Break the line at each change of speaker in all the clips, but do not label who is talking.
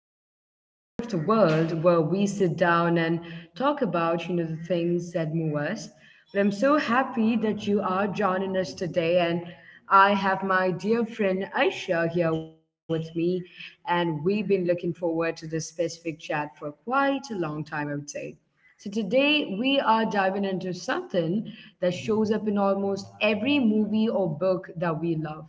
to our little corner of the world where we sit down and talk about, the things that move us. But I'm so happy that you are joining us today and I have my dear friend Aisha here with me and we've been looking forward to this specific chat for quite a long time, I would say. So today we are diving into something that shows up in almost every movie or book that we love,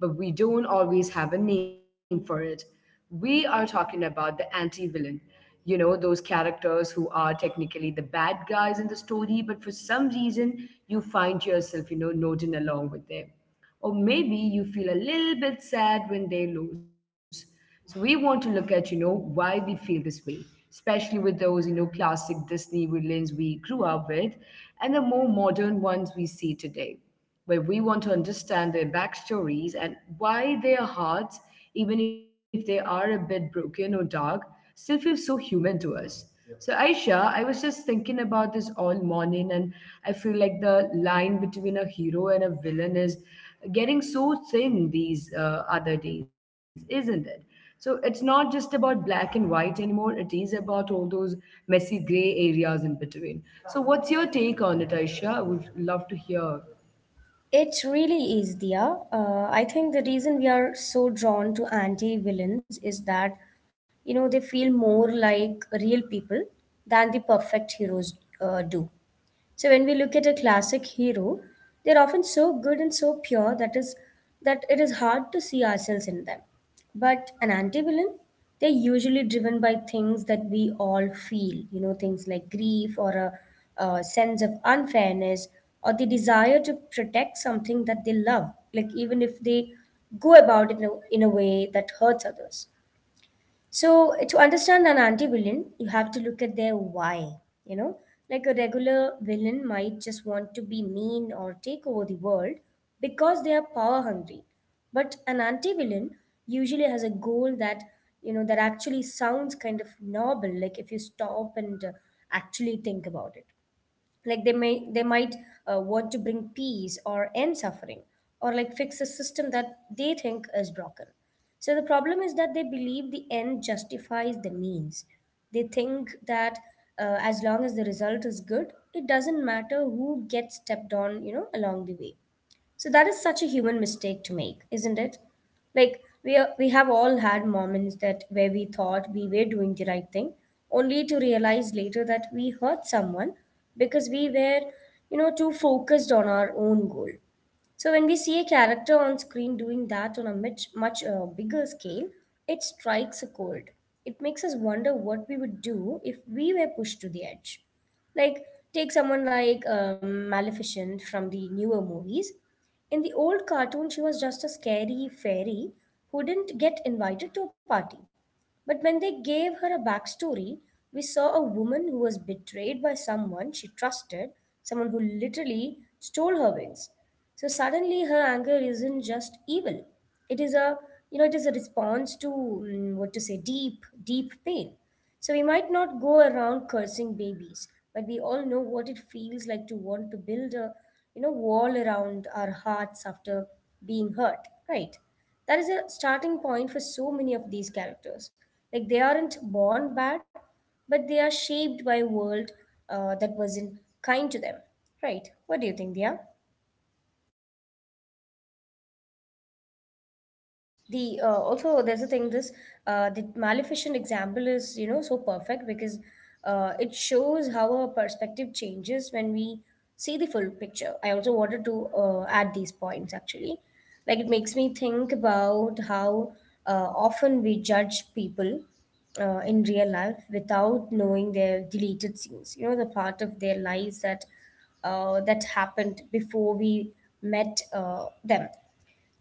but we don't always have a name for it. We are talking about the anti-villain. You know, those characters who are technically the bad guys in the story, but for some reason you find yourself, nodding along with them or maybe you feel a little bit sad when they lose. So we want to look at, why we feel this way, especially with those, classic Disney villains we grew up with and the more modern ones we see today. But we want to understand their backstories and why their hearts, even if they are a bit broken or dark, still feels so human to us. Yep. So, Aisha, I was just thinking about this all morning, and I feel like the line between a hero and a villain is getting so thin these other days, isn't it? So, it's not just about black and white anymore, it is about all those messy gray areas in between. So, what's your take on it, Aisha? I would love to hear.
It really is, Dia. I think the reason we are so drawn to anti-villains is that, you know, they feel more like real people than the perfect heroes do. So when we look at a classic hero, they're often so good and so pure that it is hard to see ourselves in them. But an anti-villain, they're usually driven by things that we all feel, you know, things like grief or a sense of unfairness or the desire to protect something that they love, like even if they go about it in a way that hurts others. So, to understand an anti villain, you have to look at their why. You know, like a regular villain might just want to be mean or take over the world because they are power hungry. But an anti villain usually has a goal that, you know, that actually sounds kind of noble, like if you stop and actually think about it like they might want to bring peace or end suffering or like fix a system that they think is broken. So the problem is that they believe the end justifies the means. They think that, as long as the result is good, it doesn't matter who gets stepped on, you know, along the way. So that is such a human mistake to make, isn't it? We have all had moments that where we thought we were doing the right thing, only to realize later that we hurt someone because we were, you know, too focused on our own goal. So when we see a character on screen doing that on a much bigger scale, it strikes a chord. It makes us wonder what we would do if we were pushed to the edge. Like, take someone like Maleficent from the newer movies. In the old cartoon, she was just a scary fairy who didn't get invited to a party. But when they gave her a backstory, we saw a woman who was betrayed by someone she trusted, someone who literally stole her wings. So suddenly her anger isn't just evil. It is you know, it is a response to deep, deep pain. So we might not go around cursing babies, but we all know what it feels like to want to build a, you know, wall around our hearts after being hurt, right? That is a starting point for so many of these characters. Like they aren't born bad, but they are shaped by a world that wasn't kind to them, right? What do you think, Dia? The also there's a thing this the Maleficent example is, you know, so perfect because it shows how our perspective changes when we see the full picture. I also wanted to add these points actually. Like it makes me think about how often we judge people in real life without knowing their deleted scenes, you know, the part of their lives that that happened before we met them.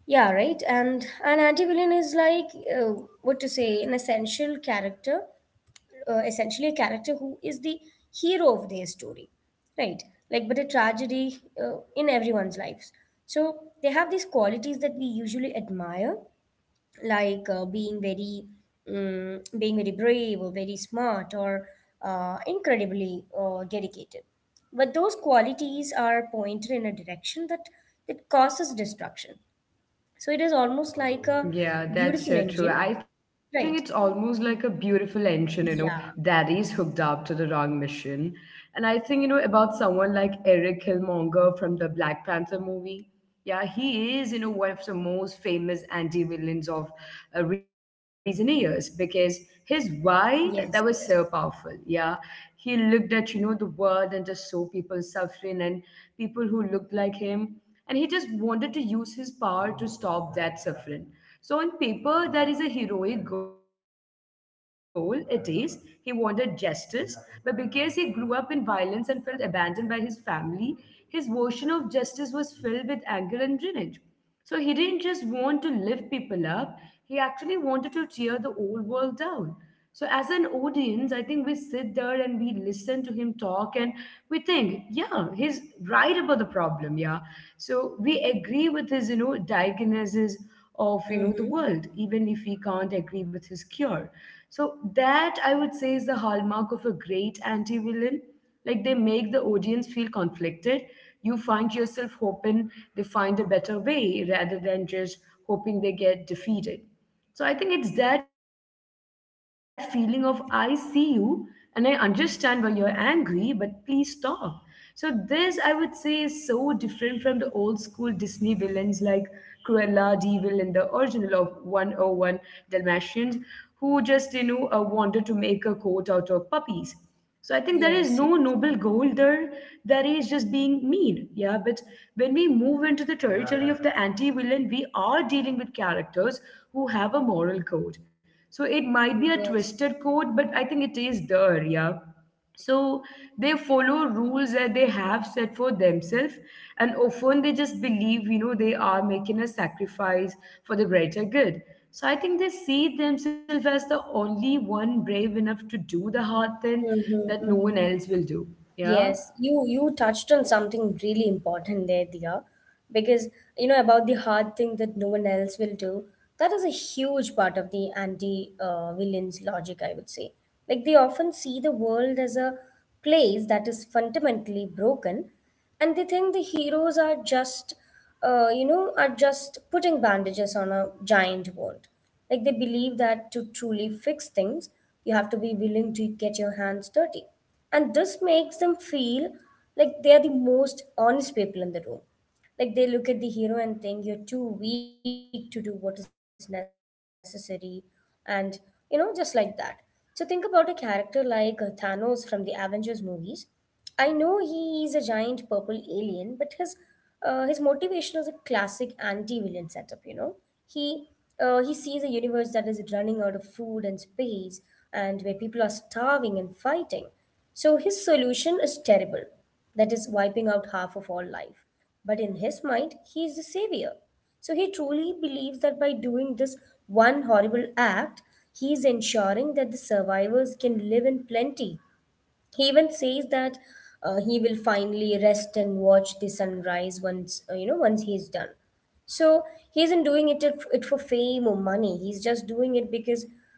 Yeah, right. And an anti-villain is like an essential character, essentially a character who is the hero of their story, right? Like, but a tragedy in everyone's lives. So they have these qualities that we usually admire, like being very brave or very smart or incredibly dedicated. But those qualities are pointed in a direction that causes destruction. So it is almost like a
Yeah,
beautiful
that's so
engine,
true. I think it's
right?
almost like a beautiful engine,
Yeah.
that is hooked up to the wrong mission. And I think, about someone like Eric Killmonger from the Black Panther movie. Yeah, he is, one of the most famous anti-villains of recent years because his why that was so
Yes, yes.
powerful. Yeah, he looked at, the world and just saw people suffering and people who looked like him and he just wanted to use his power to stop that suffering. So on paper, that is a heroic goal. It is. He wanted justice, but because he grew up in violence and felt abandoned by his family, his version of justice was filled with anger and revenge. So he didn't just want to lift people up, he actually wanted to tear the old world down. So, as an audience, I think we sit there and we listen to him talk and we think, yeah, he's right about the problem. Yeah. So, we agree with his, diagnosis of, the
Mm-hmm.
world, even if we can't agree with his cure. So, that I would say is the hallmark of a great anti villain like they make the audience feel conflicted. You find yourself hoping they find a better way rather than just hoping they get defeated. So I think it's that feeling of I see you and I understand why you're angry, but please stop. So this I would say is so different from the old school Disney villains like Cruella De Vil and the original of 101 Dalmatians who just wanted to make a coat out of puppies. So I think there is no
Yes,
noble
yes.
goal there. There is just being mean. Yeah, but when we move into the territory of the anti-villain, we are dealing with characters who have a moral code. So it might be
Mm-hmm.
a twisted
Yes.
code, but I think it is there. Yeah. So they follow rules that they have set for themselves, and often they just believe, they are making a sacrifice for the greater good. So I think they see themselves as the only one brave enough to do the hard thing that no one
Mm-hmm.
else will do. Yeah.
Yes. You touched on something really important there, dear, because you know about the hard thing that no one else will do. That is a huge part of the anti villains logic, I would say. Like they often see the world as a place that is fundamentally broken, and they think the heroes are just are just putting bandages on a giant wound. Like they believe that to truly fix things, you have to be willing to get your hands dirty, and this makes them feel like they are the most honest people in the room. Like they look at the hero and think, you're too weak to do what is necessary. And you know, just like that. So think about a character like Thanos from the Avengers movies. I know he is a giant purple alien, but his motivation is a classic anti-villain setup. You know, he he sees a universe that is running out of food and space, and where people are starving and fighting. So his solution is terrible, that is wiping out half of all life. But in his mind, he is the savior. So he truly believes that by doing this one horrible act, he is ensuring that the survivors can live in plenty. He even says that he will finally rest and watch the sunrise once you know once he's done. So he isn't doing it for fame or money. He's just doing it because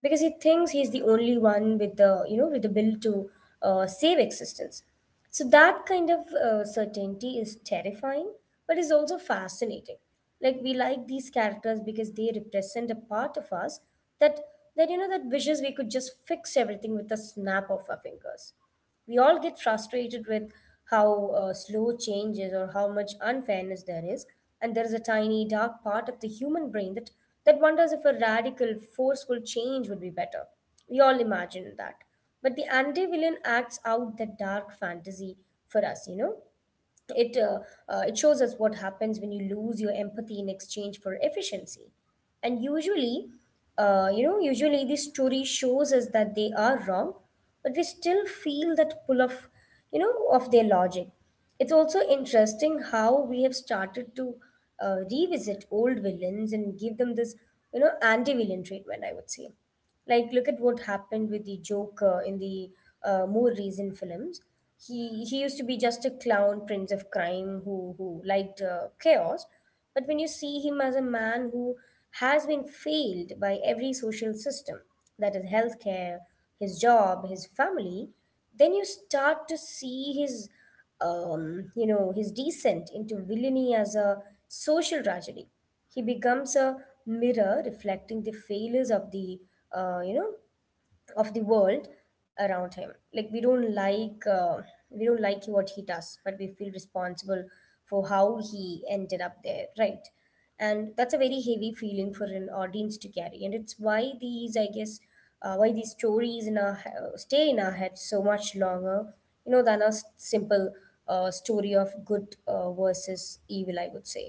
he thinks he's the only one with the, with the will to save existence. So that kind of certainty is terrifying, but is also fascinating. Like we like these characters because they represent a part of us that that, you know, that wishes we could just fix everything with a snap of our fingers. We all get frustrated with how slow change is or how much unfairness there is. And there is a tiny, dark part of the human brain that wonders if a radical, forceful change would be better. We all imagine that. But the anti villain acts out that dark fantasy for us, you know? It, uh, it shows us what happens when you lose your empathy in exchange for efficiency. And usually, usually this story shows us that they are wrong, but we still feel that pull of, you know, of their logic. It's also interesting how we have started to revisit old villains and give them this, you know, anti-villain treatment, I would say. Like look at what happened with the Joker in the more recent films. He used to be just a clown prince of crime who liked chaos, but when you see him as a man who has been failed by every social system, that is healthcare, his job, his family, then you start to see his his descent into villainy as a social tragedy. He becomes a mirror reflecting the failures of the, uh, you know of the world around him. We don't like what he does, but we feel responsible for how he ended up there, right? And that's a very heavy feeling for an audience to carry, and it's why these I guess why these stories stay in our heads so much longer, you know, than a simple story of good versus evil, I would say.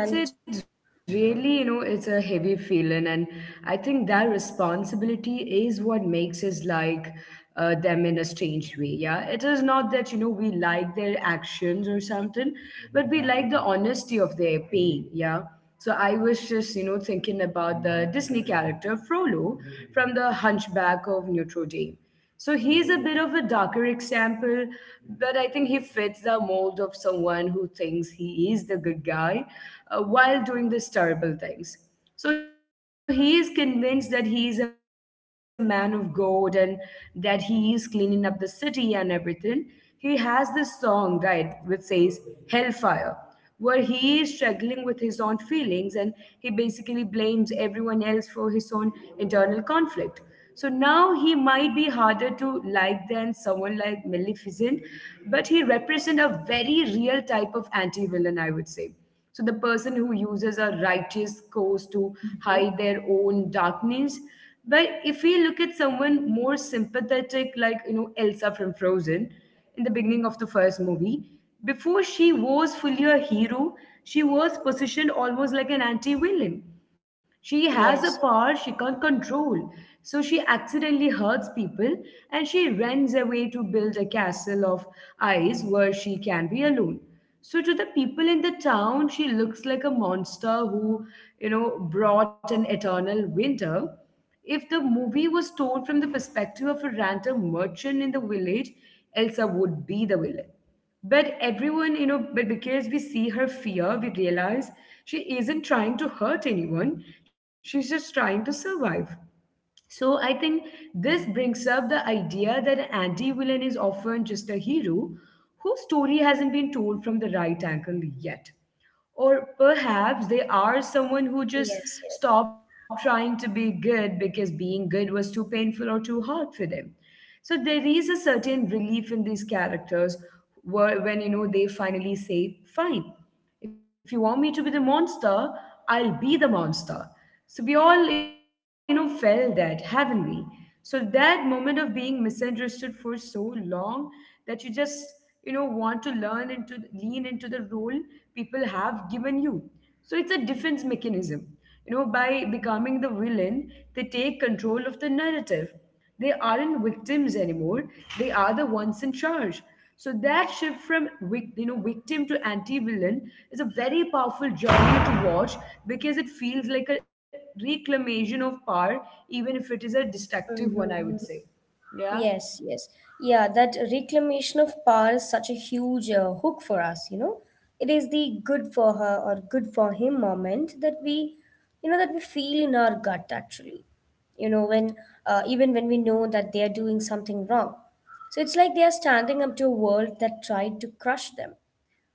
And
I would say it's really, it's a heavy feeling. And I think that responsibility is what makes us like them in a strange way. Yeah, it is not that, we like their actions or something, but we like the honesty of their pain. Yeah. So I was just, thinking about the Disney character Frollo from The Hunchback of Notre Dame. So he's a bit of a darker example, but I think he fits the mold of someone who thinks he is the good guy while doing these terrible things. So he is convinced that he is a man of God and that he is cleaning up the city and everything. He has this song, right, which says Hellfire where he is struggling with his own feelings and he basically blames everyone else for his own internal conflict. So now he might be harder to like than someone like Maleficent, but he represents a very real type of anti villain, I would say. So the person who uses a righteous course to hide their own darkness. But if we look at someone more sympathetic, like Elsa from Frozen, in the beginning of the first movie, before she was fully a hero, she was positioned almost like an anti-villain she has
yes,
a power she can't control. So she accidentally hurts people and she runs away to build a castle of ice where she can be alone. So to the people in the town, she looks like a monster who, brought an eternal winter. If the movie was told from the perspective of a random merchant in the village, Elsa would be the villain. But everyone, but because we see her fear, we realize she isn't trying to hurt anyone. She's just trying to survive. So I think this brings up the idea that an anti-villain is often just a hero whose story hasn't been told from the right angle yet. Or perhaps they are someone who
yes,
just
yes.
stopped trying to be good because being good was too painful or too hard for them. So there is a certain relief in these characters where, when they finally say, "Fine, if you want me to be the monster, I'll be the monster." So we all, felt that, haven't we? So that moment of being misunderstood for so long that you just, want to learn into lean into the role people have given you. So it's a defense mechanism. You know, by becoming the villain, they take control of the narrative. They aren't victims anymore. They are the ones in charge. So that shift from victim to anti-villain is a very powerful journey to watch because it feels like a reclamation of power, even if it is a destructive one, I would say.
Mm-hmm.
Yeah.
Yes, yes. Yeah, that reclamation of power is such a huge hook for us, you know. It is the good for her or good for him moment that we, you know, that we feel in our gut actually. You know, when even when we know that they are doing something wrong. So it's like they are standing up to a world that tried to crush them.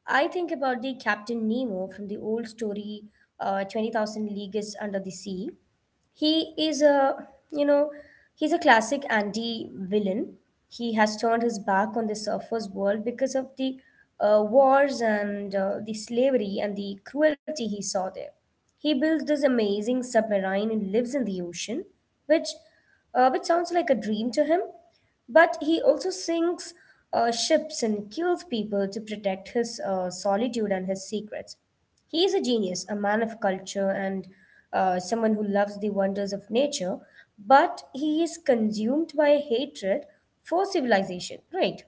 I think about the Captain Nemo from the old story, 20,000 Leagues Under the Sea. He is a, you know, he's a classic anti-villain. He has turned his back on the surface world because of the wars and the slavery and the cruelty he saw there. He built this amazing submarine and lives in the ocean, which, which sounds like a dream to him. But he also sinks ships and kills people to protect his solitude and his secrets. He is a genius, a man of culture, and someone who loves the wonders of nature, but he is consumed by hatred for civilization, right?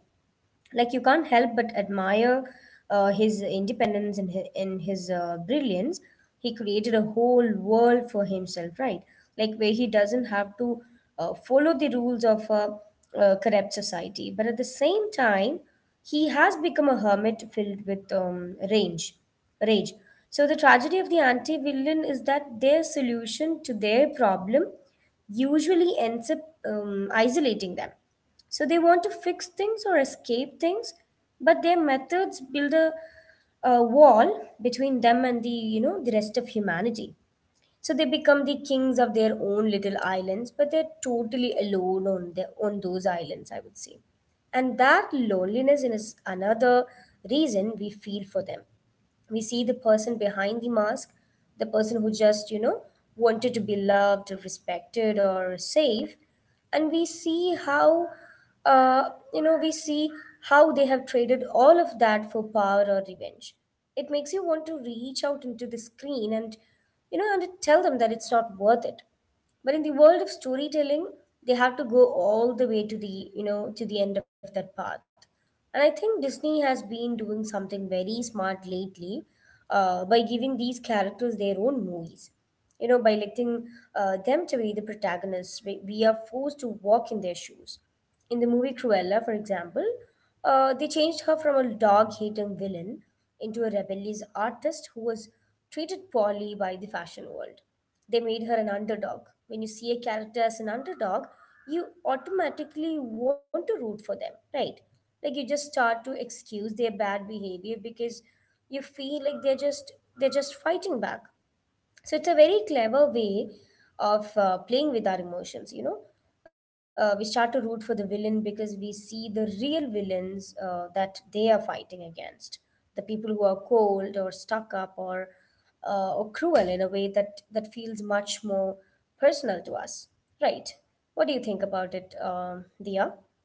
Like you can't help but admire his independence and his brilliance. He created a whole world for himself, right? Like where he doesn't have to follow the rules of corrupt society, but at the same time he has become a hermit filled with range rage. So the tragedy of the anti-villain is that their solution to their problem usually ends up isolating them. So they want to fix things or escape things, but their methods build a wall between them and the, you know, the rest of humanity. So they become the kings of their own little islands, but they're totally alone on their on those islands, I would say. And that loneliness is another reason we feel for them. We see the person behind the mask, the person who just, wanted to be loved, respected, or safe. And we see how, we see how they have traded all of that for power or revenge. It makes you want to reach out into the screen and, and tell them that it's not worth it. But in the world of storytelling, they have to go all the way to the, to the end of that path. And I think Disney has been doing something very smart lately by giving these characters their own movies. By letting them to be the protagonists, we are forced to walk in their shoes. In the movie Cruella, for example, they changed her from a dog hating villain into a rebellious artist who was treated poorly by the fashion world. They made her an underdog. When you see a character as an underdog, you automatically want to root for them, right? Like you just start to excuse their bad behavior because you feel like they're just fighting back. So it's a very clever way of playing with our emotions. We start to root for the villain because we see the real villains that they are fighting against. The people who are cold or stuck up or cruel in a way that feels much more personal to us. Right. What do you think about it, Dia?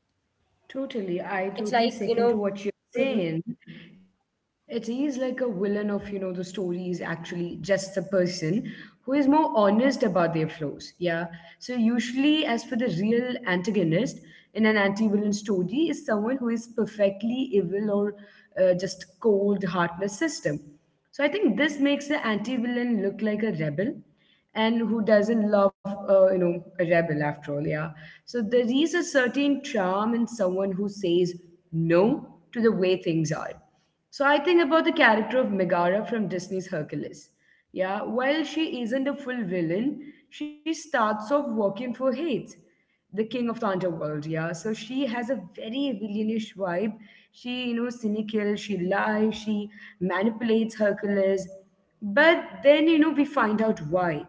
Totally. I totally
It's
second to
like, you
what you're
know.
saying.
hmm
It is like a villain of, the story is actually just the person who is more honest about their flaws. Yeah. So usually as for the real antagonist in an anti-villain story is someone who is perfectly evil or just cold, heartless system. So I think this makes the anti-villain look like a rebel, and who doesn't love, a rebel after all, yeah. So there is a certain charm in someone who says no to the way things are. So I think about the character of Megara from Disney's Hercules. Yeah, while she isn't a full villain, she starts off working for Hades the king of the underworld yeah so she has a very villainish vibe she cynical she lies she manipulates hercules but then we find out why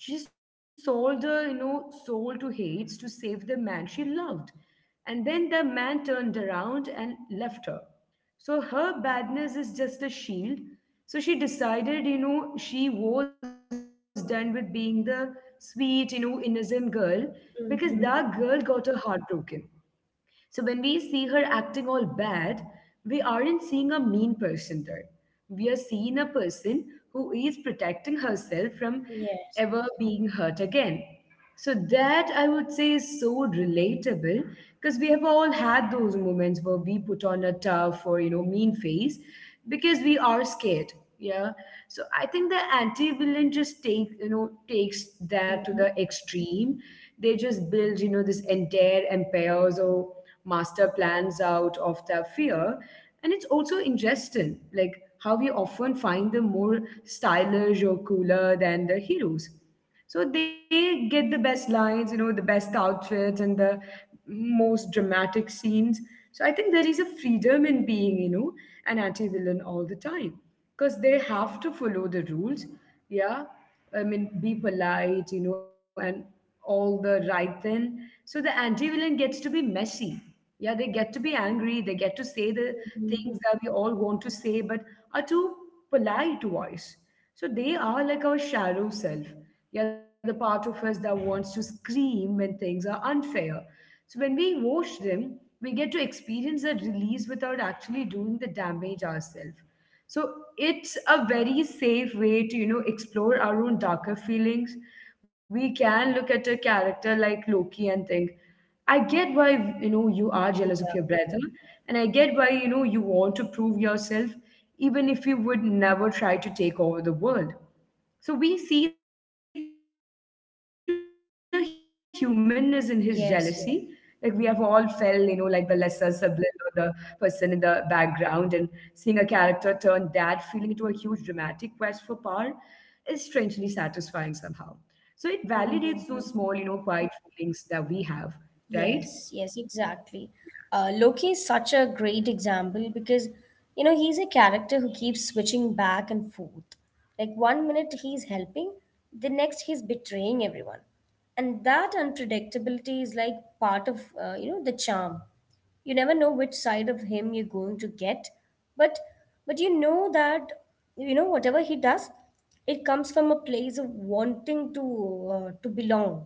she sold her, soul to Hades to save the man she loved. And then the man turned around and left her. So her badness is just a shield. So she decided, she was done with being the sweet, innocent girl because that girl got
hmm
her heart broken. So when we see her acting all bad, we aren't seeing a mean person there. We are seeing a person who is protecting herself from
Yes.
ever being hurt again. So that I would say is so relatable because we have all had those moments where we put on a tough or mean face because we are scared yeah so I think the anti-villain just takes that to the extreme they just build this entire empires or master plans out of their fear and it's also interesting like how we often find them more stylish or cooler than the heroes so they get the best lines, the best outfits and the most dramatic scenes. So I think there is a freedom in being, an anti-villain all the time because they have to follow the rules. Yeah. I mean, be polite, and all the right thing. So the anti-villain gets to be messy. Yeah, they get to be angry. They get to say the things that we all want to say, but are too polite to voice. So they are like our shadow self. Yeah, the part of us that wants to scream when things are unfair. So when we watch them, we get to experience a release without actually doing the damage ourselves. So it's a very safe way to, you know, explore our own darker feelings. We can look at a character like Loki and think, I get why you know
Yeah.
you are jealous of your brother, and I get why you know you want to prove yourself, even if you would never try to take over the world. So we see the humanness in his jealousy. Like we have all felt, you know, like the
Yes,
lesser
yes.
sibling or the person in the background, and seeing a character turn that feeling into a huge dramatic quest for power is strangely satisfying somehow. So it validates those small, you know, quiet
Mm-hmm.
feelings that we have, right?
Yes, yes, exactly. Loki is such a great example because, he's a character who keeps switching back and forth. Like one minute he's helping, the next he's betraying everyone. And that unpredictability is like part of, the charm. You never know which side of him you're going to get. But you know that whatever he does, it comes from a place of wanting to belong.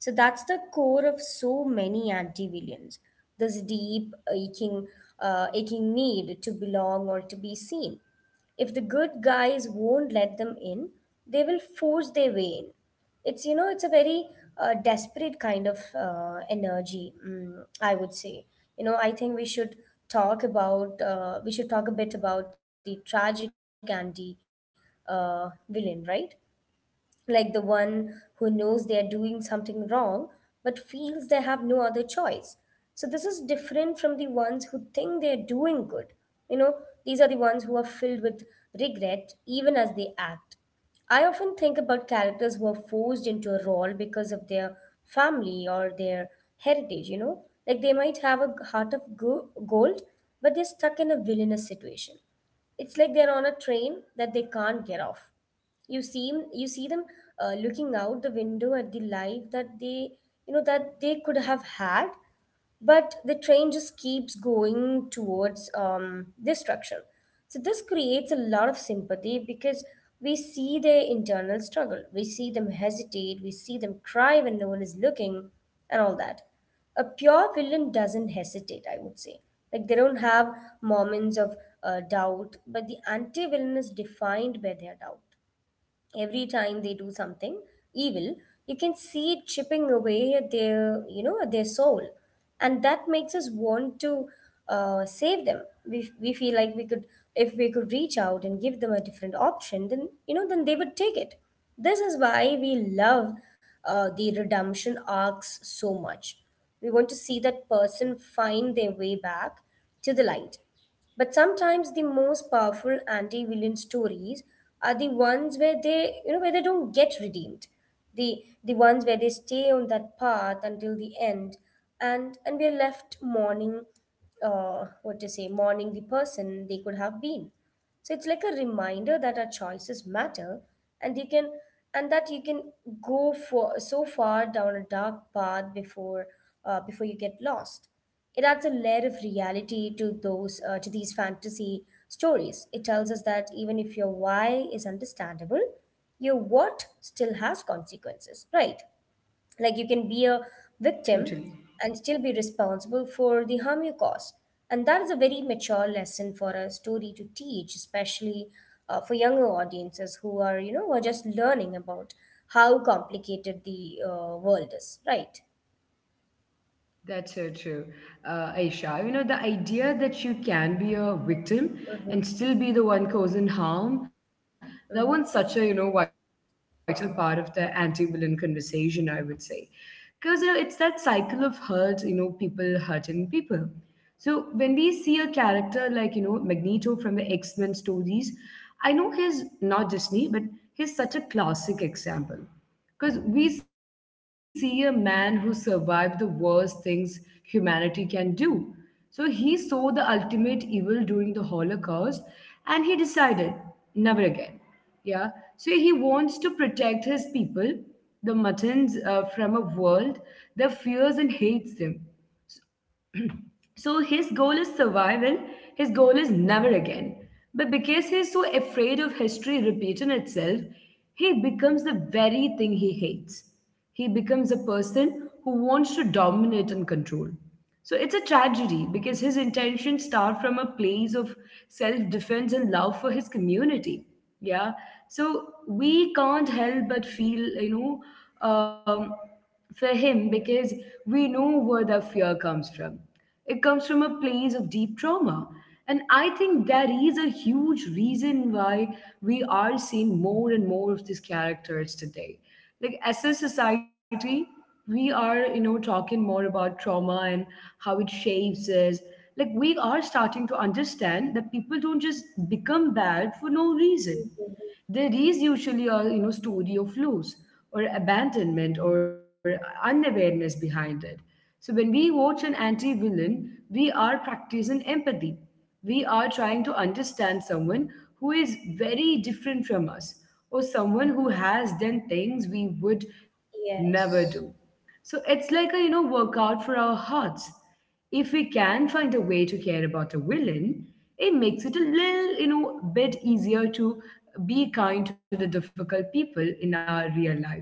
So that's the core of so many anti-villains, this deep aching need to belong or to be seen. If the good guys won't let them in, they will force their way in. It's it's a very desperate kind of energy, I would say. I think we should talk about we should talk a bit about the tragic and the villain, right? Like the one who knows they are doing something wrong but feels they have no other choice. So, this is different from the ones who think they are doing good. You know, these are the ones who are filled with regret even as they act. I often think about characters who are forced into a role because of their family or their heritage, you know, like they might have a heart of gold, but they're stuck in a villainous situation. It's like they're on a train that they can't get off. You see them looking out the window at the life that they you know that they could have had, but the train just keeps going towards destruction. So this creates a lot of sympathy because we see their internal struggle, we see them hesitate, we see them cry when no one is looking, and all that. A pure villain doesn't hesitate, I would say. Like they don't have moments of doubt, but the anti-villain is defined by their doubt. Every time they do something evil, you can see it chipping away at their at their soul. And that makes us want to save them. We feel like we could, if we could reach out and give them a different option, then then they would take it. This is why we love the redemption arcs so much. We want to see that person find their way back to the light. But sometimes the most powerful anti-villain stories are the ones where they, where they don't get redeemed. The ones where they stay on that path until the end, and we're left mourning, what to say, mourning the person they could have been. So it's like a reminder that our choices matter, and you can and that you can go for so far down a dark path before before you get lost. It adds a layer of reality to those to these fantasy stories. It tells us that even if your why is understandable, your what still has consequences, right? Like you can be a victim
Totally.
and still be responsible for the harm you cause. And that is a very mature lesson for a story to teach, especially for younger audiences who are who are just learning about how complicated the world is, right?
That's so true. Aisha, you know, the idea that you can be a victim
hmm
and still be the one causing harm, that one's such
mm-hmm.
a, you know, vital part of the anti-villain conversation, I would say. Because, you know, it's that cycle of hurt, you know, people hurting people. So when we see a character like, you know, Magneto from the X-Men stories, I know he's not Disney, but he's such a classic example. Because we see a man who survived the worst things humanity can do. So he saw the ultimate evil during the Holocaust and he decided never again. Yeah. So he wants to protect his people, the muttons, from a world that fears and hates them. So his goal is survival, his goal is never again. But because he's so afraid of history repeating itself, he becomes the very thing he hates. He becomes a person who wants to dominate and control. So it's a tragedy because his intentions start from a place of self defense and love for his community. Yeah. So we can't help but feel, you know, for him because we know where the fear comes from. It comes from a place of deep trauma. And I think that is a huge reason why we are seeing more and more of these characters today. Like as a society, we are, you know, talking more about trauma and how it shapes us. Like we are starting to understand that people don't just become bad for no reason. There is usually a, you know, story of loss or abandonment or unawareness behind it. So when we watch an anti-villain, we are practicing empathy. We are trying to understand someone who is very different from us or someone who has done things we would never do.
Yes.
So it's like a, you know, workout for our hearts. If we can find a way to care about a villain, it makes it a little, you know, bit easier to be kind to the difficult people in our real life.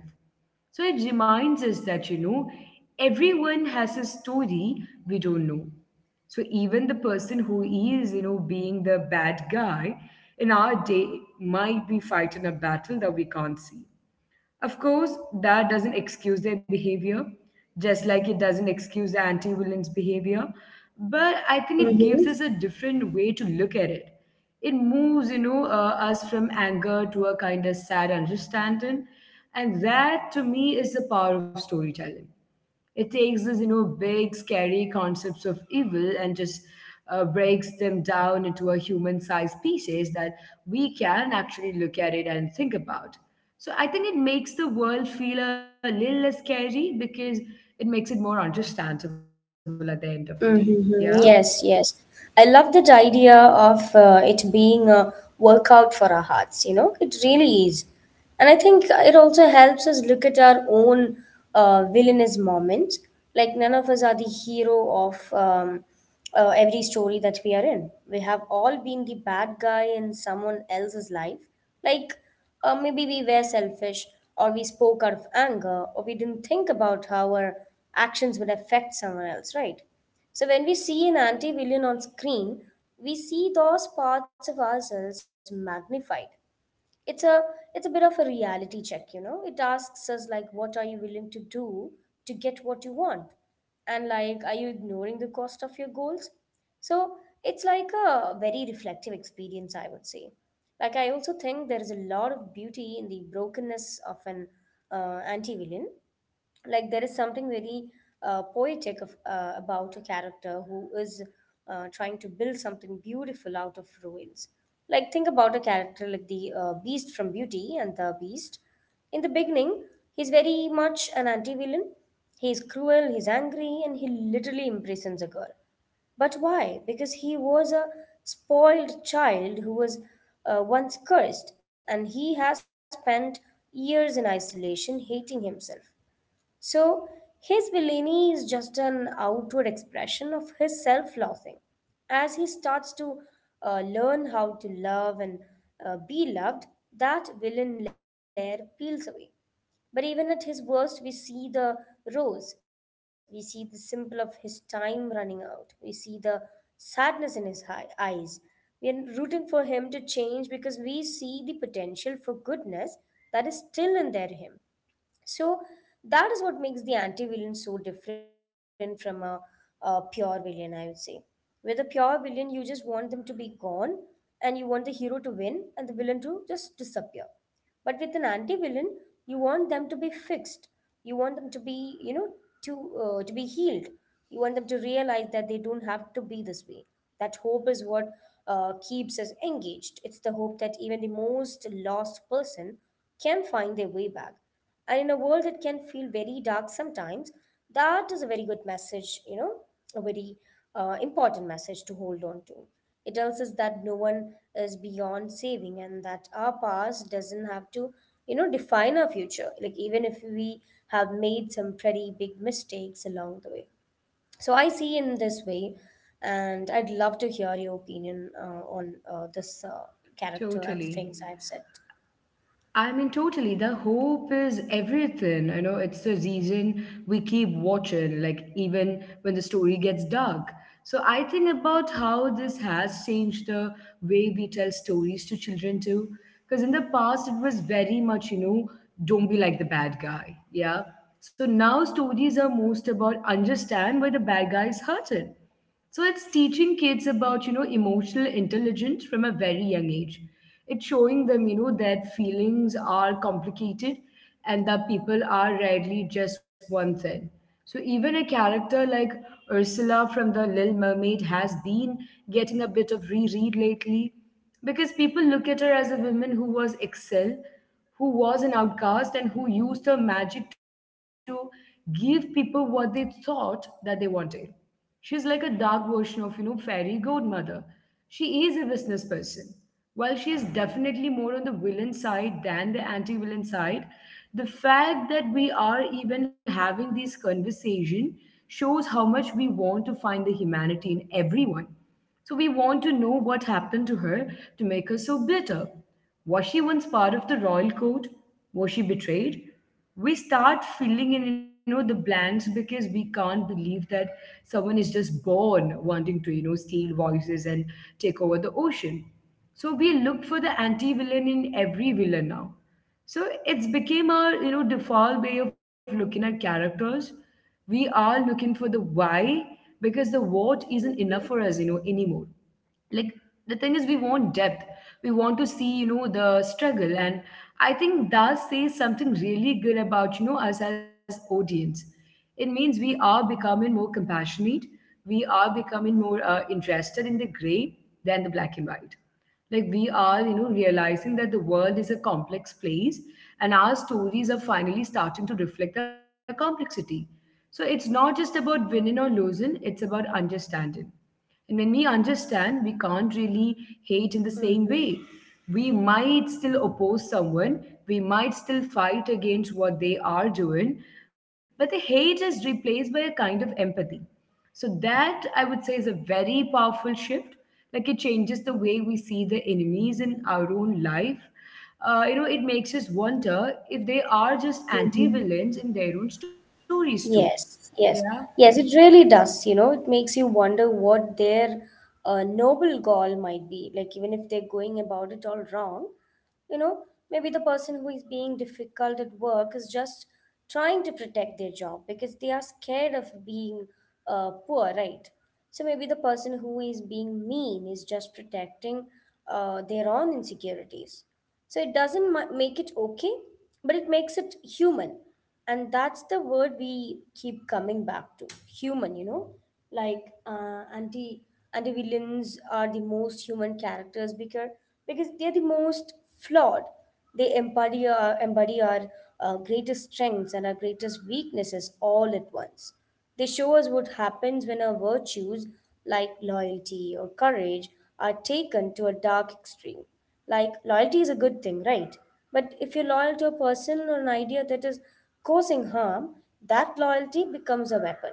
So it reminds us that, you know, everyone has a story we don't know. So even the person who is, you know, being the bad guy in our day might be fighting a battle that we can't see. Of course, that doesn't excuse their behavior, just like it doesn't excuse anti villains' behavior. But I think it gives
Mm-hmm.
us a different way to look at it. It moves, you know, us from anger to a kind of sad understanding. And that, to me, is the power of storytelling. It takes these, you know, big, scary concepts of evil and just breaks them down into a human-sized pieces that we can actually look at it and think about. So I think it makes the world feel a little less scary because it makes it more understandable at the end of the day. Yeah,
Mm-hmm. Yes, yes. I love that idea of it being a workout for our hearts, you know, it really is. And I think it also helps us look at our own villainous moments. Like, none of us are the hero of every story that we are in. We have all been the bad guy in someone else's life. Like, or maybe we were selfish, or we spoke out of anger, or we didn't think about how our actions would affect someone else, right? So when we see an anti villain on screen, we see those parts of ourselves magnified. It's a it's a bit of a reality check. It asks us, like, what are you willing to do to get what you want? And like, are you ignoring the cost of your goals? So it's like a very reflective experience, I would say. Like, I also think there is a lot of beauty in the brokenness of an anti-villain. Like there is something very poetic of, about a character who is trying to build something beautiful out of ruins. Like think about a character like the beast from Beauty and the Beast. In the beginning, he's very much an anti-villain. He's cruel, he's angry, and he literally imprisons a girl. But why? Because he was a spoiled child who was once cursed, and he has spent years in isolation, hating himself. So his villainy is just an outward expression of his self loathing. As he starts to learn how to love and be loved, that villain layer peels away. But even at his worst, we see the rose, we see the symbol of his time running out, we see the sadness in his eyes. We are rooting for him to change because we see the potential for goodness that is still in there him. So that is what makes the anti-villain so different from a pure villain, I would say. With a pure villain, you just want them to be gone, and you want the hero to win and the villain to just disappear. But with an anti-villain, you want them to be fixed. You want them to be, to be healed. You want them to realize that they don't have to be this way. That hope is what keeps us engaged. It's the hope that even the most lost person can find their way back. And in a world that can feel very dark sometimes, that is a very good message, you know, a very important message to hold on to. It tells us that no one is beyond saving, and that our past doesn't have to, you know, define our future. Like, even if we have made some pretty big mistakes along the way. So, I see in this way, and I'd love to hear your opinion on this character and the
totally.
things I've said.
I mean, totally. The hope is everything. I know it's the reason we keep watching, like, even when the story gets dark. So, I think about how this has changed the way we tell stories to children, too. Because in the past, it was very much, you know, don't be like the bad guy. Yeah. So now stories are most about understand why the bad guy is hurting, so it's teaching kids about, you know, emotional intelligence from a very young age. It's showing them, you know, that feelings are complicated and that people are rarely just one thing. So even a character like Ursula from The Little Mermaid has been getting a bit of reread lately because people look at her as a woman who was excel, who was an outcast and who used her magic to give people what they thought that they wanted. She's like a dark version of, you know, fairy godmother. She is a business person. While she is definitely more on the villain side than the anti-villain side, the fact that we are even having this conversation shows how much we want to find the humanity in everyone. So we want to know what happened to her to make her so bitter. Was she once part of the royal court? Was she betrayed? We start filling in, you know, the blanks because we can't believe that someone is just born wanting to, you know, steal voices and take over the ocean. So we look for the anti-villain in every villain now. So it's became a, you know, default way of looking at characters. We are looking for the why because the what isn't enough for us, you know, anymore. Like, the thing is, we want depth. We want to see, you know, the struggle. And I think that says something really good about, you know, us as audience. It means we are becoming more compassionate. We are becoming more interested in the gray than the black and white. Like we are, you know, realizing that the world is a complex place and our stories are finally starting to reflect that complexity. So it's not just about winning or losing, it's about understanding. And when we understand, we can't really hate in the same
Mm-hmm.
way. We might still oppose someone, we might still fight against what they are doing, but the hate is replaced by a kind of empathy. So, that I would say is a very powerful shift. Like it changes the way we see the enemies in our own life. You know, it makes us wonder if they are just anti
Mm-hmm.
villains in their own stories, too.
Yes,
Yeah.
yes, yes, it really does. You know, it makes you wonder what their noble goal might be. Like, even if they're going about it all wrong, you know, maybe the person who is being difficult at work is just trying to protect their job because they are scared of being poor, right? So maybe the person who is being mean is just protecting their own insecurities. So it doesn't make it okay, but it makes it human. And that's the word we keep coming back to: human, you know. Like, anti villains are the most human characters because they're the most flawed. They embody our greatest strengths and our greatest weaknesses all at once. They show us what happens when our virtues, like loyalty or courage, are taken to a dark extreme. Like, loyalty is a good thing, right? But if you're loyal to a person or an idea that is causing harm, that loyalty becomes a weapon.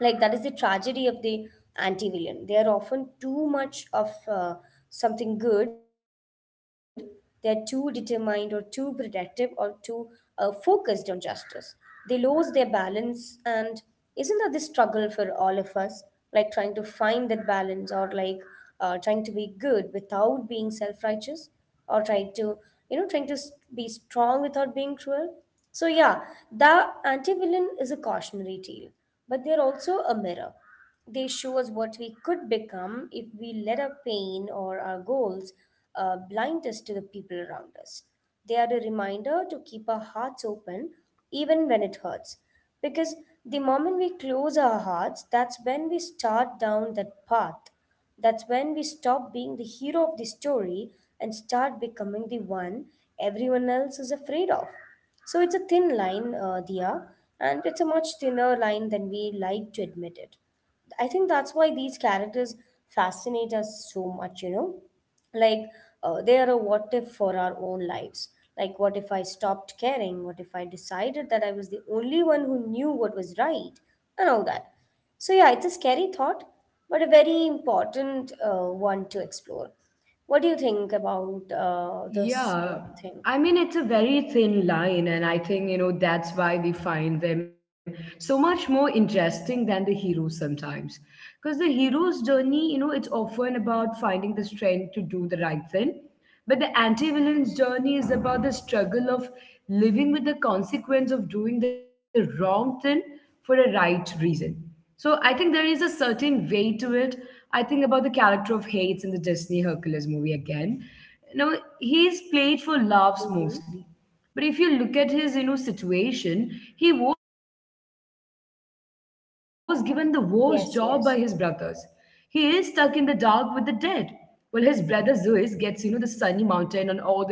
Like, that is the tragedy of the anti-villain. They are often too much of something good. They're too determined or too protective or too focused on justice. They lose their balance, and isn't that the struggle for all of us? Like, trying to find that balance, or like, trying to be good without being self-righteous, or trying to, trying to be strong without being cruel. So yeah, the anti-villain is a cautionary tale, but they're also a mirror. They show us what we could become if we let our pain or our goals blind us to the people around us. They are a reminder to keep our hearts open even when it hurts. Because the moment we close our hearts, that's when we start down that path. That's when we stop being the hero of the story and start becoming the one everyone else is afraid of. So it's a thin line, Dia, and it's a much thinner line than we like to admit it. I think that's why these characters fascinate us so much, you know? Like, they are a what if for our own lives. Like, what if I stopped caring? What if I decided that I was the only one who knew what was right? And all that. So, yeah, it's a scary thought, but a very important one to explore. What do you think about this
Yeah.
thing?
I mean, it's a very thin line, and I think, you know, that's why we find them so much more interesting than the heroes sometimes. Because the hero's journey, you know, it's often about finding the strength to do the right thing. But the anti villain's journey is about the struggle of living with the consequence of doing the wrong thing for a right reason. So I think there is a certain way to it. I think about the character of Hades in the Disney Hercules movie again. You know, he's played for laughs
hmm
mostly, but if you look at his, you know, situation, he was given the worst job by his brothers. He is stuck
Yes,
in the
yes,
dark with the dead. Well, his brother Zeus gets, you know, the sunny mountain and all the praise and everything.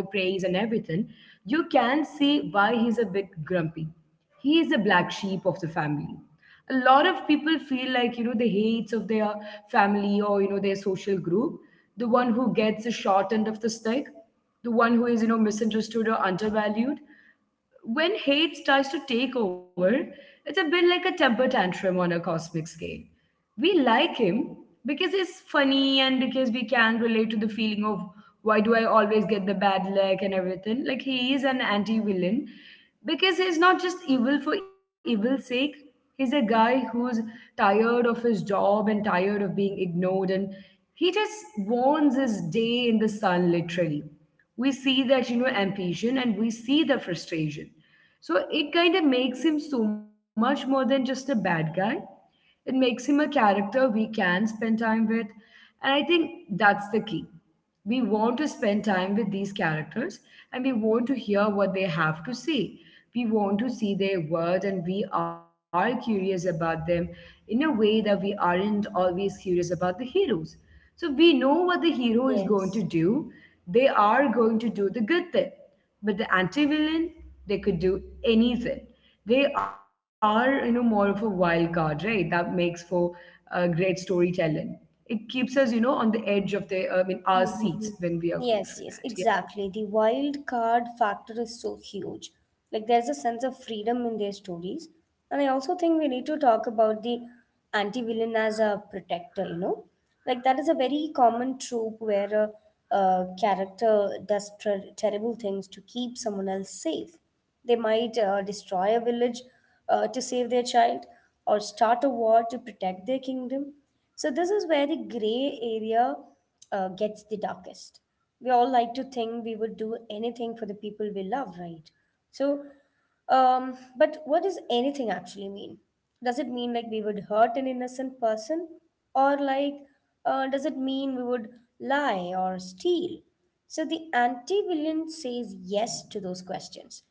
You can see why he's a bit grumpy. He is the black sheep of the family. A lot of people feel like, you know, the hates of their family or, you know, their social group, the one who gets the short end of the stick, the one who is, you know, misunderstood or undervalued. When hate starts to take over, it's a bit like a temper tantrum on a cosmic scale. We like him because he's funny and because we can relate to the feeling of why do I always get the bad luck and everything. Like he is an anti villain because he's not just evil for evil's sake. He's a guy who's tired of his job and tired of being ignored, and he just wants his day in the sun, literally. We see that, you know, ambition and we see the frustration, so it kind of makes him so much more than just a bad guy. It makes him a character we can spend time with. And I think that's the key. We want to spend time with these characters and we want to hear what they have to say. We want to see their world and we are curious about them in a way that we aren't always curious about the heroes. So we know what the hero is going to
yes.
do. They are going to do the good thing. But the anti-villain, they could do anything. They are, you know, more of a wild card, right? That makes for great storytelling. It keeps us, on the edge of the, our seats
hmm
when we are going through
Yes,
that.
yes,
Yeah.
exactly. The wild card factor is so huge. Like, there's a sense of freedom in their stories. And I also think we need to talk about the anti-villain as a protector, you know? Like, that is a very common trope where a character does terrible things to keep someone else safe. They might destroy a village to save their child, or start a war to protect their kingdom. So, this is where the gray area gets the darkest. We all like to think we would do anything for the people we love, right? So, but what does anything actually mean? Does it mean like we would hurt an innocent person? Or, like, does it mean we would lie or steal? So the anti villain says yes to those questions.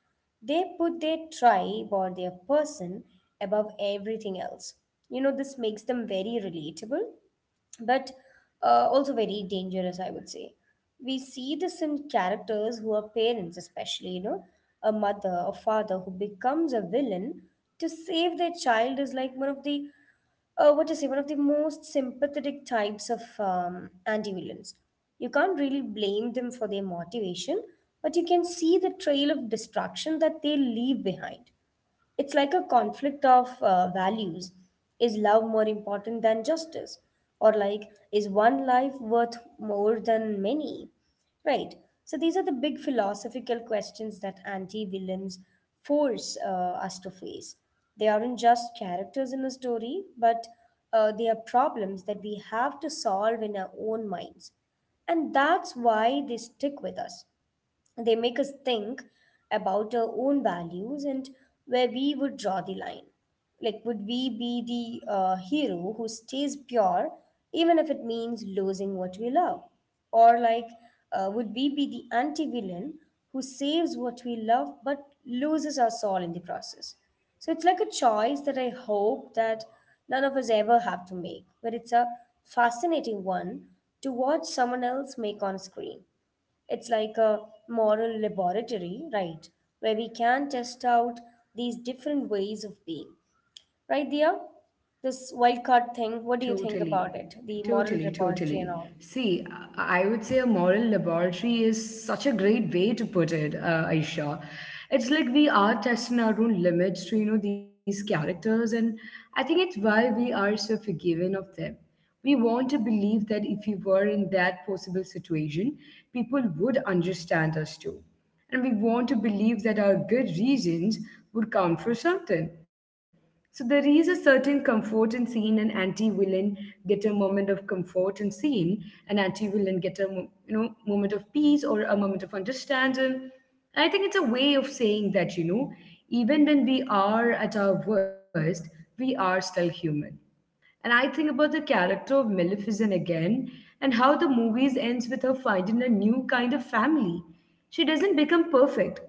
They put their tribe or their person above everything else. You know, this makes them very relatable, but also very dangerous, I would say. We see this in characters who are parents, especially, you know, a mother or father who becomes a villain to save their child is like one of the, what to say, one of the most sympathetic types of anti villains. You can't really blame them for their motivation, but you can see the trail of destruction that they leave behind. It's like a conflict of values. Is love more important than justice? Or, like, is one life worth more than many? Right. So, these are the big philosophical questions that anti villains force us to face. They aren't just characters in a story, but they are problems that we have to solve in our own minds. And that's why they stick with us. They make us think about our own values and where we would draw the line. Like, would we be the hero who stays pure even if it means losing what we love? Or, like, would we be the anti villain who saves what we love but loses our soul in the process? So it's like a choice that I hope that none of us ever have to make, but it's a fascinating one to watch someone else make on screen. It's like a moral laboratory, right? Where we can test out these different ways of being. Right, Dia? This wild card thing, what do you think about
Totally,
it? The moral
totally,
laboratory and
totally.
all.
See, I would say a moral laboratory is such a great way to put it, Aisha. It's like we are testing our own limits to, you know, these characters, and I think it's why we are so forgiving of them. We want to believe that if we were in that possible situation, people would understand us too. And we want to believe that our good reasons would count for something. So there is a certain comfort in seeing an anti-villain get a moment of comfort in seeing an anti-villain get a mo- you know moment of peace or a moment of understanding. And I think it's a way of saying that you know even when we are at our worst, we are still human. And I think about the character of Maleficent again and how the movies ends with her finding a new kind of family. She doesn't become perfect,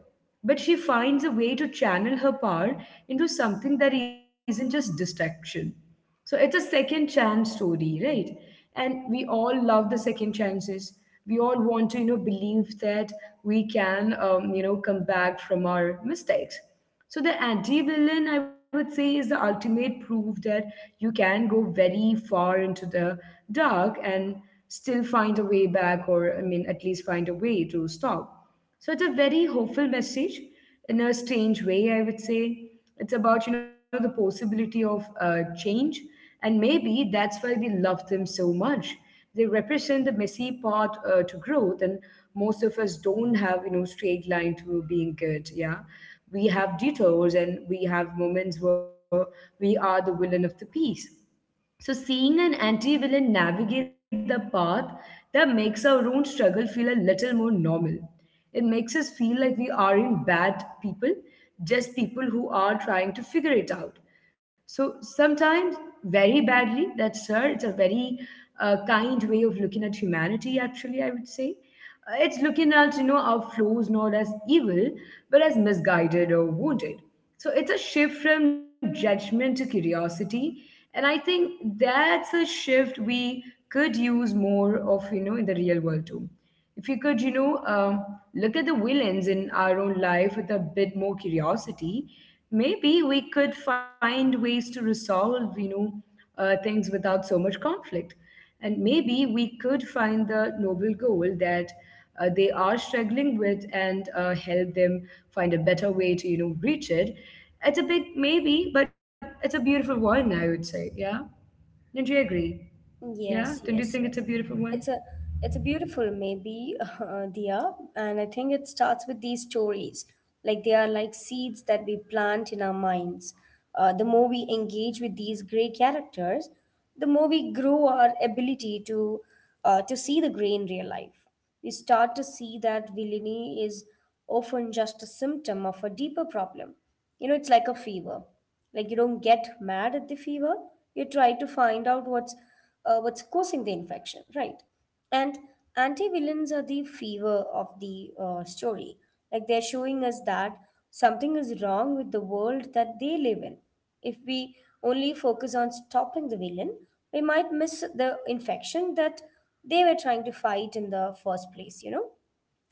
but she finds a way to channel her power into something that isn't just destruction. So it's a second chance story, right? And we all love the second chances. We all want to, you know, believe that we can, you know, come back from our mistakes. So the anti-villain, I would say, is the ultimate proof that you can go very far into the dark and still find a way back, or at least find a way to stop. So it's a very hopeful message in a strange way, I would say. It's about you know the possibility of change and maybe that's why we love them so much. They represent the messy path to growth, and most of us don't have, you know, straight line to being good. Yeah, we have detours, and we have moments where we are the villain of the piece. So, seeing an anti villain navigate the path that makes our own struggle feel a little more normal. It makes us feel like we aren't bad people, just people who are trying to figure it out. So, sometimes very badly, that's her. It's a very kind way of looking at humanity, actually, I would say. It's looking at, you know, our flaws not as evil, but as misguided or wounded. So it's a shift from judgment to curiosity. And I think that's a shift we could use more of, you know, in the real world too. If we could, look at the villains in our own life with a bit more curiosity, maybe we could find ways to resolve, things without so much conflict. And maybe we could find the noble goal that they are struggling with and help them find a better way to, you know, reach it. It's a big maybe, but it's a beautiful one, I would say. Yeah. Don't you agree? Yeah.
Yes,
Don't you think
yes,
it's a
yes.
beautiful one?
It's a it's a beautiful maybe, Dia, and I think it starts with these stories. Like, they are like seeds that we plant in our minds. The more we engage with these gray characters, the more we grow our ability to see the gray in real life. We start to see that villainy is often just a symptom of a deeper problem. You know, it's like a fever. Like, you don't get mad at the fever, you try to find out what's causing the infection, right? And anti-villains are the fever of the story. Like, they're showing us that something is wrong with the world that they live in. If we only focus on stopping the villain, we might miss the infection that they were trying to fight in the first place, you know?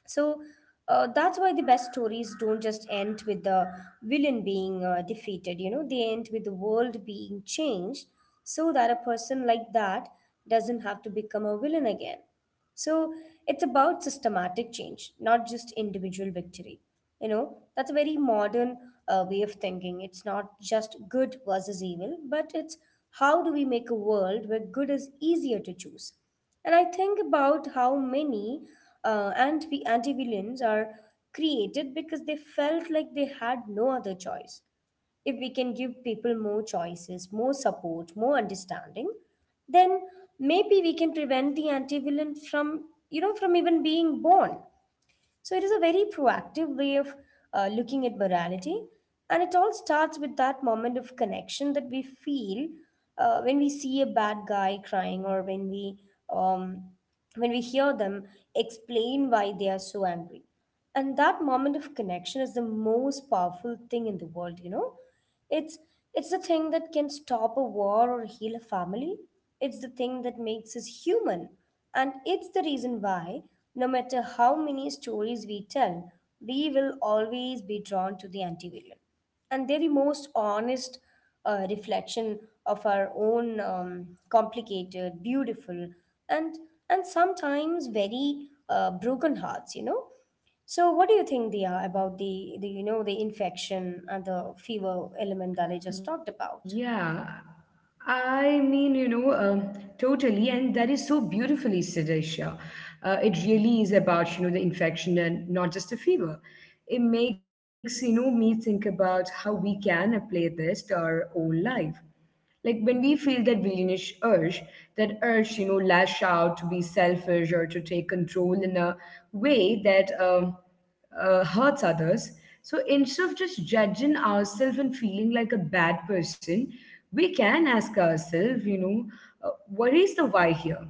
So that's why the best stories don't just end with the villain being defeated, you know, they end with the world being changed so that a person like that doesn't have to become a villain again. So it's about systematic change, not just individual victory. You know, that's a very modern way of thinking. It's not just good versus evil, but it's how do we make a world where good is easier to choose? And I think about how many anti villains are created because they felt like they had no other choice. If we can give people more choices, more support, more understanding, then maybe we can prevent the anti villain from, you know, from even being born. So it is a very proactive way of looking at morality. And it all starts with that moment of connection that we feel when we see a bad guy crying, or um, when we hear them explain why they are so angry. And that moment of connection is the most powerful thing in the world, you know. It's it's the thing that can stop a war or heal a family. It's the thing that makes us human, and it's the reason why, no matter how many stories we tell, we will always be drawn to the anti-villain. And they're the most honest reflection of our own complicated, beautiful, and sometimes very broken hearts. You know, so, what do you think, Dia, about the you know the infection and the fever element that I just talked about?
Yeah, I mean, you know, um, totally, and that is so beautifully said, Aisha. It really is about, you know, the infection and not just a fever. It makes, you know, me think about how we can apply this to our own life. Like when we feel that villainous urge, that urge, you know, lash out to be selfish or to take control in a way that hurts others. So instead of just judging ourselves and feeling like a bad person, we can ask ourselves, what is the why here?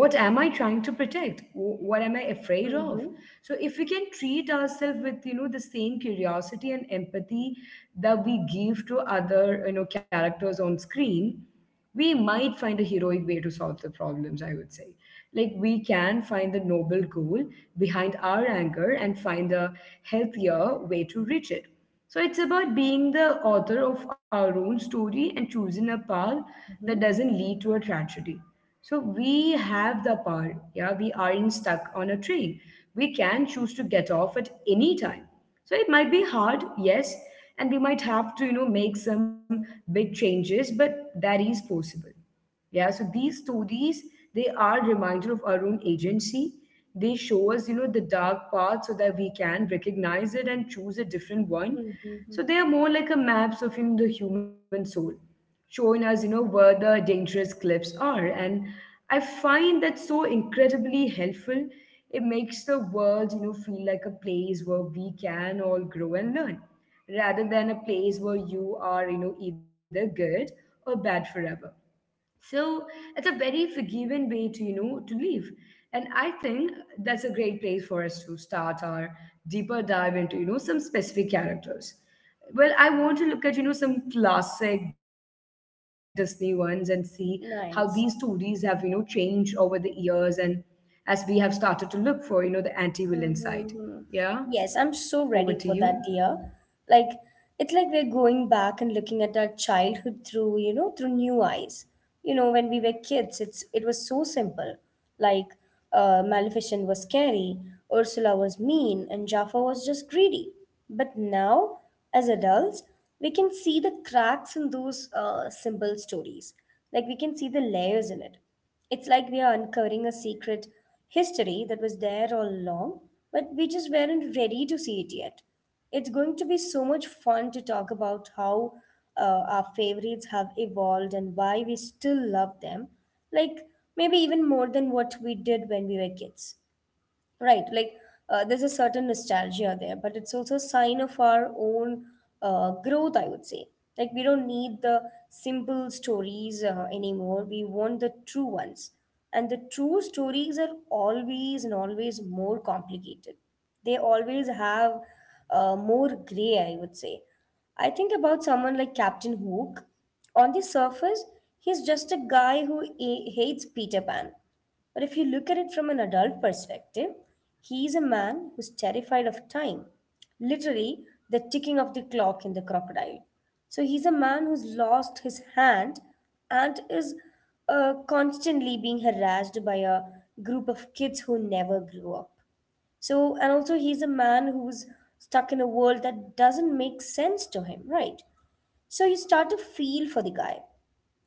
What am I trying to protect? What am I afraid of?
Mm-hmm.
So if we can treat ourselves with you know the same curiosity and empathy that we give to other you know characters on screen, we might find a heroic way to solve the problems I would say. Like we can find the noble goal behind our anger and find a healthier way to reach it. So it's about being the author of our own story and choosing a path that
Mm-hmm.
doesn't lead to a tragedy. So we have the power. Yeah, we aren't stuck on a tree. We can choose to get off at any time. So it might be hard, yes, and we might have to, you know, make some big changes, but that is possible. Yeah, so these stories, they are reminder of our own agency. They show us, you know, the dark path so that we can recognize it and choose a different one.
Mm-hmm.
So they are more like a maps of you know, the human soul, showing us, you know, where the dangerous cliffs are. And I find that so incredibly helpful. It makes the world, you know, feel like a place where we can all grow and learn, rather than a place where you are, you know, either good or bad forever. So it's a very forgiving way to, you know, to live. And I think that's a great place for us to start our deeper dive into, you know, some specific characters. Well, I want to look at, you know, some classic Disney ones and see how these stories have, you know,
Nice.
changed over the years and as we have started to look for, you know, the anti-villain side. Yeah.
Mm-hmm. Yes,
Over
I'm
to
so
you.
ready for that, dear. Like, it's like we're going back and looking at our childhood through, you know, through new eyes. You know, when we were kids, it was so simple. Like, Maleficent was scary, Ursula was mean, and Jaffa was just greedy. But now, as adults, we can see the cracks in those simple stories. Like, we can see the layers in it. It's like we are uncovering a secret history that was there all along, but we just weren't ready to see it yet. It's going to be so much fun to talk about how our favorites have evolved and why we still love them, like maybe even more than what we did when we were kids. Right, like there's a certain nostalgia there, but it's also a sign of our own growth, I would say. Like, we don't need the simple stories anymore, we want the true ones. And the true stories are always and always more complicated. They always have more gray, I would say. I think about someone like Captain Hook. On the surface, he's just a guy who hates Peter Pan. But if you look at it from an adult perspective, he is a man who's terrified of time, literally, the ticking of the clock in the crocodile. So he's a man who's lost his hand and is constantly being harassed by a group of kids who never grew up. So, and also he's a man who's stuck in a world that doesn't make sense to him, right? So you start to feel for the guy.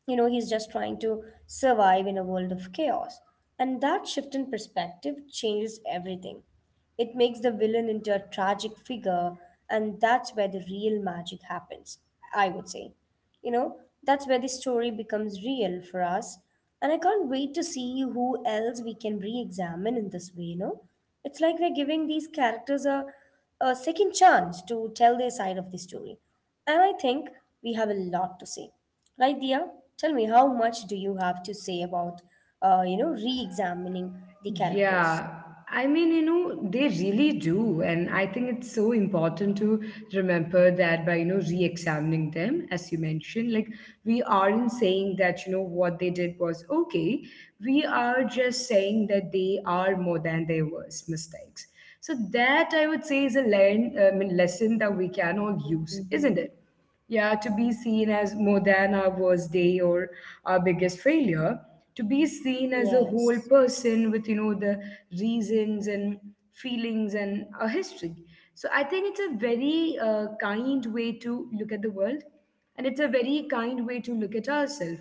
You know, he's just trying to survive in a world of chaos, and that shift in perspective changes everything. It makes the villain into a tragic figure, and that's where the real magic happens, I would say. You know, that's where the story becomes real for us. And I can't wait to see who else we can re examine in this way, you know. It's like we're giving these characters a second chance to tell their side of the story. And I think we have a lot to say. Right, Dia? Tell me, how much do you have to say about, you know, re examining the characters?
Yeah, I mean, you know, they really do. And I think it's so important to remember that by, you know, re examining them, as you mentioned. Like, we aren't saying that, you know, what they did was okay. We are just saying that they are more than their worst mistakes. So, that I would say is a lesson that we can all use, isn't it? Yeah, to be seen as more than our worst day or our biggest failure, to be seen as a whole
Yes,
person with, you know, the reasons and feelings and a history. So I think it's a very kind way to look at the world and it's a very kind way to look at ourselves.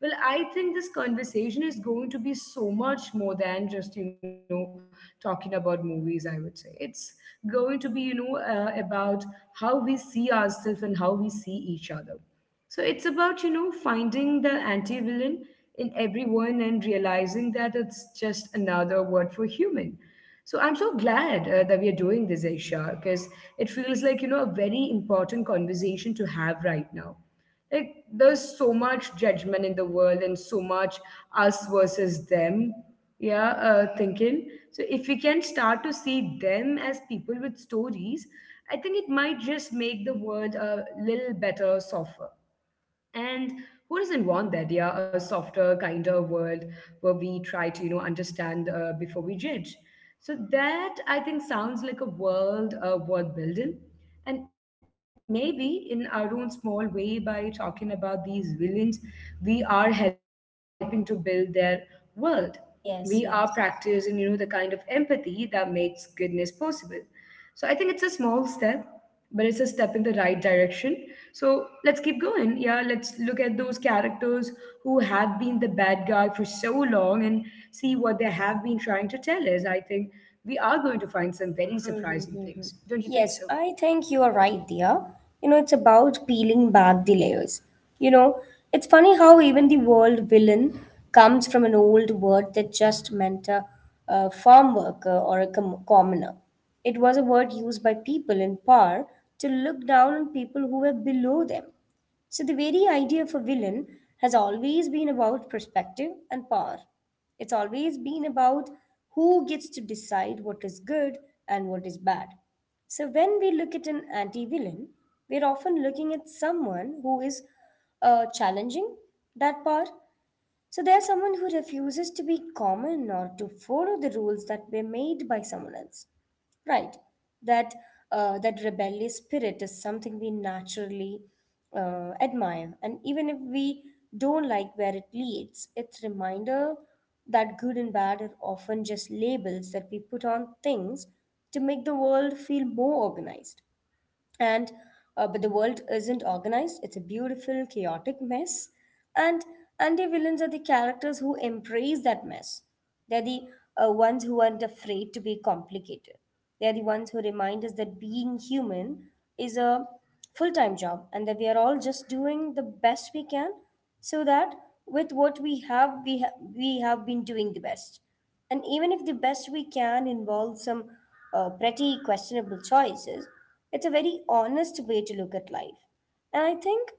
Well, I think this conversation is going to be so much more than just, you know, talking about movies, I would say. It's going to be, about how we see ourselves and how we see each other. So it's about, you know, finding the anti villain in everyone and realizing that it's just another word for human. So I'm so glad that we are doing this, Aisha, because it feels like, you know, a very important conversation to have right now. Like, there's so much judgment in the world and so much us versus them, yeah, thinking. So, if we can start to see them as people with stories, I think it might just make the world a little better, softer. And who doesn't want that? Yeah, a softer, kinder world where we try to, you know, understand before we judge. So that I think sounds like a world worth building. And maybe in our own small way, by talking about these villains, we are helping to build their world. We are practicing, you know,
yes,
the kind of
yes.
empathy that makes goodness possible. So I think it's a small step, but it's a step in the right direction. So let's keep going. Yeah, let's look at those characters who have been the bad guy for so long and see what they have been trying to tell us. I think we are going to find some very surprising
Mm-hmm.
things. Don't you
Yes,
think so?
I think you are right there. You know, it's about peeling back the layers. You know, it's funny how even the word villain comes from an old word that just meant a farm worker or a commoner. It was a word used by people in power to look down on people who were below them. So, the very idea of a villain has always been about perspective and power. It's always been about who gets to decide what is good and what is bad. So, when we look at an anti villain, we're often looking at someone who is challenging that power, so there's someone who refuses to be common or to follow the rules that were made by someone else. Right. That that rebellious spirit is something we naturally admire, and even if we don't like where it leads, it's reminder that good and bad are often just labels that we put on things to make the world feel more organized, and but the world isn't organized, it's a beautiful chaotic mess, and anti-villains are the characters who embrace that mess. They're the ones who aren't afraid to be complicated. They're the ones who remind us that being human is a full-time job and that we are all just doing the best we can, so that with what we have, we have been doing the best. And even if the best we can involves some pretty questionable choices, it's a very honest way to look at life. And I think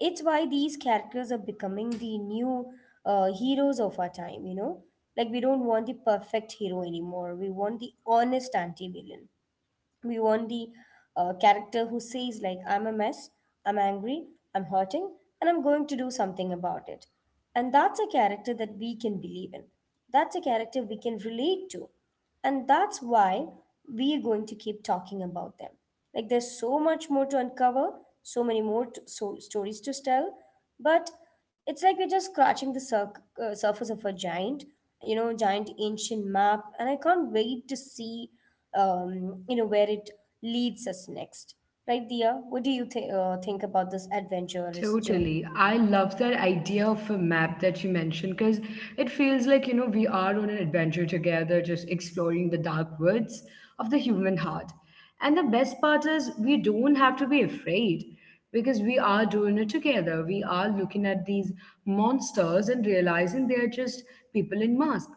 it's why these characters are becoming the new heroes of our time, you know? Like, we don't want the perfect hero anymore. We want the honest anti villain. We want the character who says, like, I'm a mess, I'm angry, I'm hurting, and I'm going to do something about it. And that's a character that we can believe in, that's a character we can relate to, and that's why we are going to keep talking about them. Like, there's so much more to uncover, so many more so stories to tell. But it's like we're just scratching the surface of a giant, you know, giant ancient map, and I can't wait to see you know where it leads us next. Right, Dia? What do you think about this adventurous journey?
Totally. I love that idea of a map that you mentioned because it feels like, you know, we are on an adventure together, just exploring the dark woods of the human heart. And the best part is, we don't have to be afraid because we are doing it together. We are looking at these monsters and realizing they're just people in masks.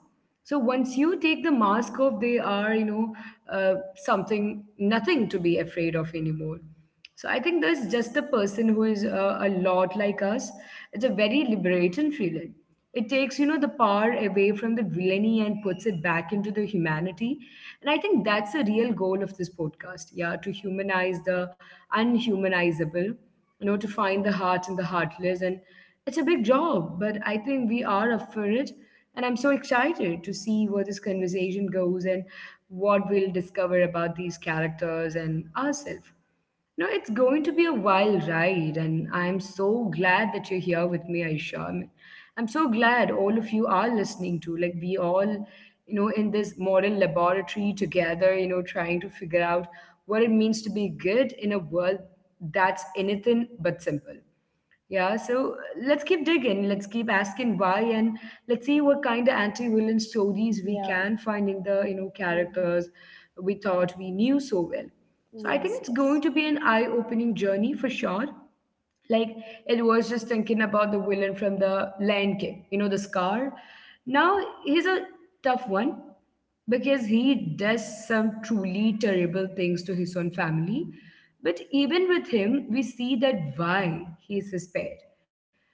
So once you take the mask off, they are, nothing to be afraid of anymore. So I think there's just a person who is a lot like us. It's a very liberating feeling. It takes, you know, the power away from the villainy and puts it back into the humanity. And I think that's the real goal of this podcast. Yeah, to humanize the unhumanizable, you know, to find the heart in the heartless. And it's a big job, but I think we are up for it. And I'm so excited to see where this conversation goes and what we'll discover about these characters and ourselves. No, it's going to be a wild ride, and I'm so glad that you're here with me, Aisha. I mean, I'm so glad all of you are listening to. Like, we all, you know, in this modern laboratory together, you know, trying to figure out what it means to be good in a world that's anything but simple. Yeah, so let's keep digging. Let's keep asking why, and let's see what kind of anti-villain stories we
Yeah.
can find in the
Mhm.
characters we thought we knew so well. So I think
Yes,
it's
yes.
going to be an eye-opening journey for sure. Like, it was just thinking about the villain from the Lion King, you know, the Scar. Now he's a tough one because he does some truly terrible things to his own family. But even with him, we see that why he is his pet,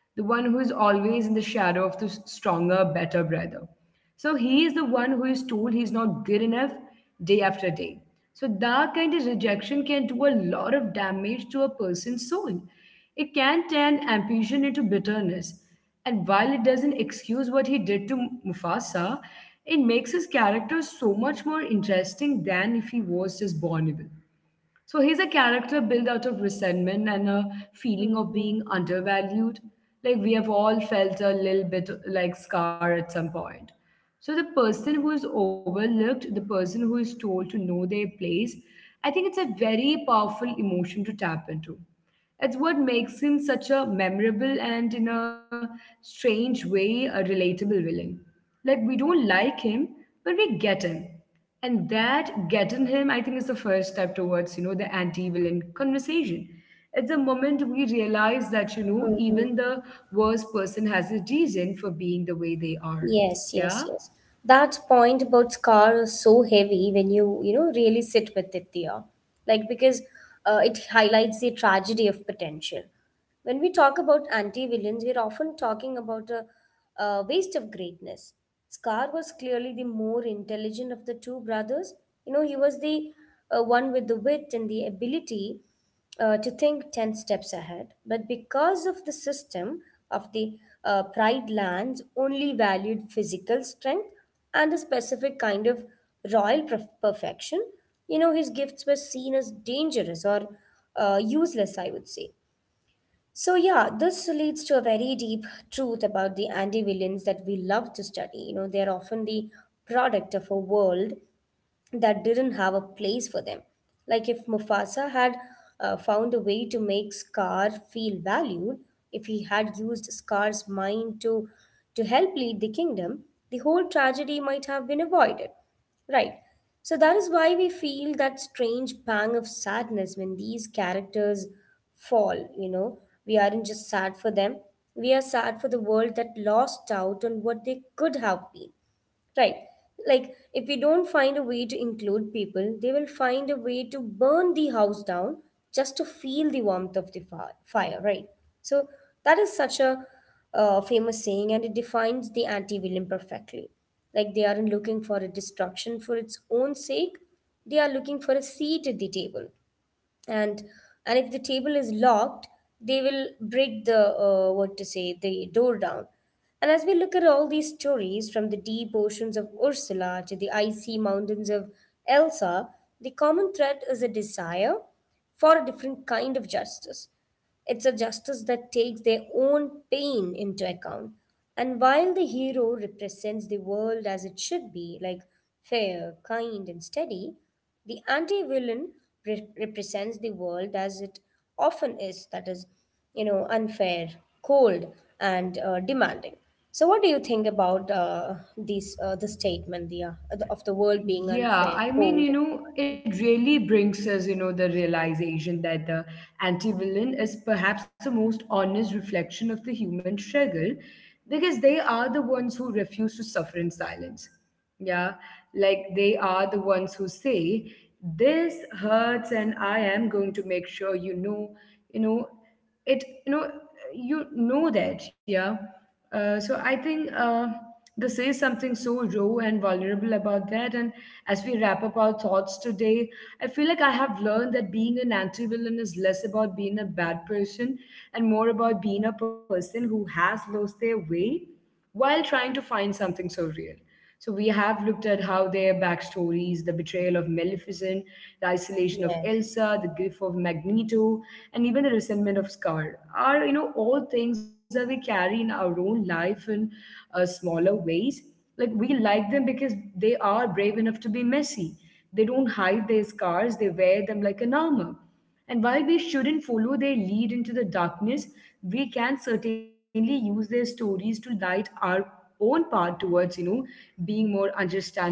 the one who is always in the shadow of the stronger, better brother. So he is the one who is told he is not good enough day after day. So that kind of rejection can do a lot of damage to a person's soul. It can turn ambition into bitterness, and while it doesn't excuse what he did to Mufasa, it makes his character so much more interesting than if he was just born evil. So he's a character built out of resentment and a feeling
Hmm.
of being undervalued. Like, we have all felt a little bit like Scar at some point. So the person who is overlooked, the person who is told to know their place, I think it's a very powerful emotion to tap into. It's what makes him such a memorable and, in a strange way, a relatable villain. Like, we don't like him, but we get him, and that getting him, I think, is the first step towards the anti-villain conversation. It's a moment we realize that even the worst person has a reason for being the way they are.
Yes, yes,
Yeah.
yes. That point about scar is so heavy when you know, really sit with it, Diya. Like, because it highlights the tragedy of potential. When we talk about anti-villains, we're often talking about a waste of greatness. Scar was clearly the more intelligent of the two brothers. You know, he was the one with the wit and the ability, to think 10 steps ahead. But because of the system of the pride lands only valued physical strength and a specific kind of royal perfection, you know, his gifts were seen as dangerous or useless, I would say. So, yeah, this leads to a very deep truth about the anti villains that we love to study. You know, they are often the product of a world that didn't have a place for them. Like, if Mufasa had found a way to make Scar feel valued, if he had used Scar's mind to help lead the kingdom, the whole tragedy might have been avoided. Right. So that is why we feel that strange pang of sadness when these characters fall, you know. We aren't just sad for them, we are sad for the world that lost out on what they could have been. Right. Like, if we don't find a way to include people, they will find a way to burn the house down just to feel the warmth of the fire, right? So, that is such a famous saying, and it defines the anti villain perfectly. Like, they aren't looking for a destruction for its own sake, they are looking for a seat at the table, and and if the table is locked, they will break the what to say the door down. And as we look at all these stories from the deep oceans of Ursula to the icy mountains of Elsa, the common thread is a desire for a different kind of justice. It's a justice that takes their own pain into account. And while the hero represents the world as it should be, like fair, kind, and steady, the anti villain represents the world as it often is, that is, you know, unfair, cold, and demanding. So, what do you think about this, the statement, of the world being unfair,
Yeah, I
cold,
mean,
and
you know,
demanding?
it really brings us, you know, the realization that the anti-villain is perhaps the most honest reflection of the human struggle because they are the ones who refuse to suffer in silence. Yeah, like they are the ones who say, this hurts and I am going to make sure you know it. you that yeah uh, so I think this is something so raw and vulnerable about that. And as we wrap up our thoughts today, I feel like I have learned that being an anti-villain is less about being a bad person and more about being a person who has lost their way while trying to find something so real. So we have looked at how their backstories, the betrayal of Maleficent, the isolation of
Yes,
Elsa, the grief of Magneto, and even the resentment of Scar are, you know, all things that we carry in our own life in smaller ways. Like, we like them because they are brave enough to be messy. They don't hide their scars; they wear them like an armor. And while we shouldn't follow their lead into the darkness, we can certainly use their stories to light our own path towards, you know, being more understanding.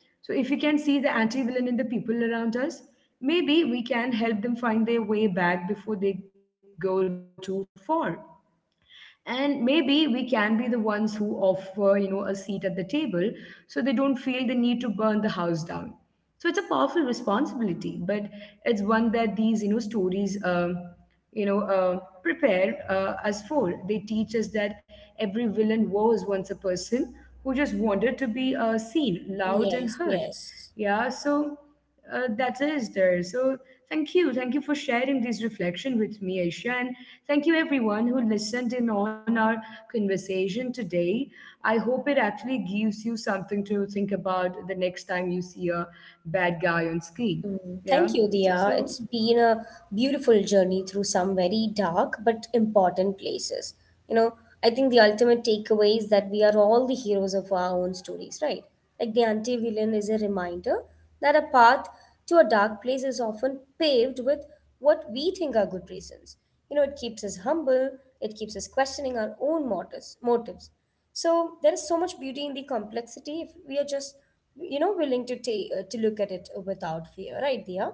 So if we can see the anti-villain in the people around us, maybe we can help them find their way back before they go too far, and maybe we can be the ones who offer, a seat at the table, so they don't feel the need to burn the house down. So it's a powerful responsibility, but it's one that these, stories prepare us for. They teach us that every villain was once a person who just wanted to be seen, loud and
yes,
heard.
yes.
yeah so that is there. So thank you. Thank you for sharing this reflection with me, Aisha. And thank you, everyone who listened in on our conversation today. I hope it actually gives you something to think about the next time you see a bad guy on screen.
Mm, thank
Yeah.
you, Dia. It's
So
been a beautiful journey through some very dark but important places. You know, I think the ultimate takeaway is that we are all the heroes of our own stories, right? Like the anti villain is a reminder that a path to a dark place is often paved with what we think are good reasons. You know, it keeps us humble, it keeps us questioning our own motives, motives, so there is so much beauty in the complexity if we are just, you know, willing to take to look at it without fear, right, Dia?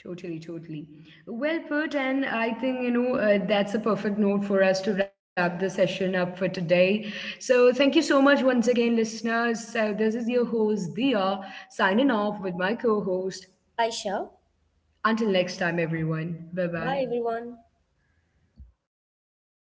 totally, totally. Well put, and I think, that's a perfect note for us to wrap the session up for today. So thank you so much once again, listeners. So this is your host Dia, signing off with my co-host.
Aisha.
Until next time, everyone. Bye
Bye,
bye.
everyone.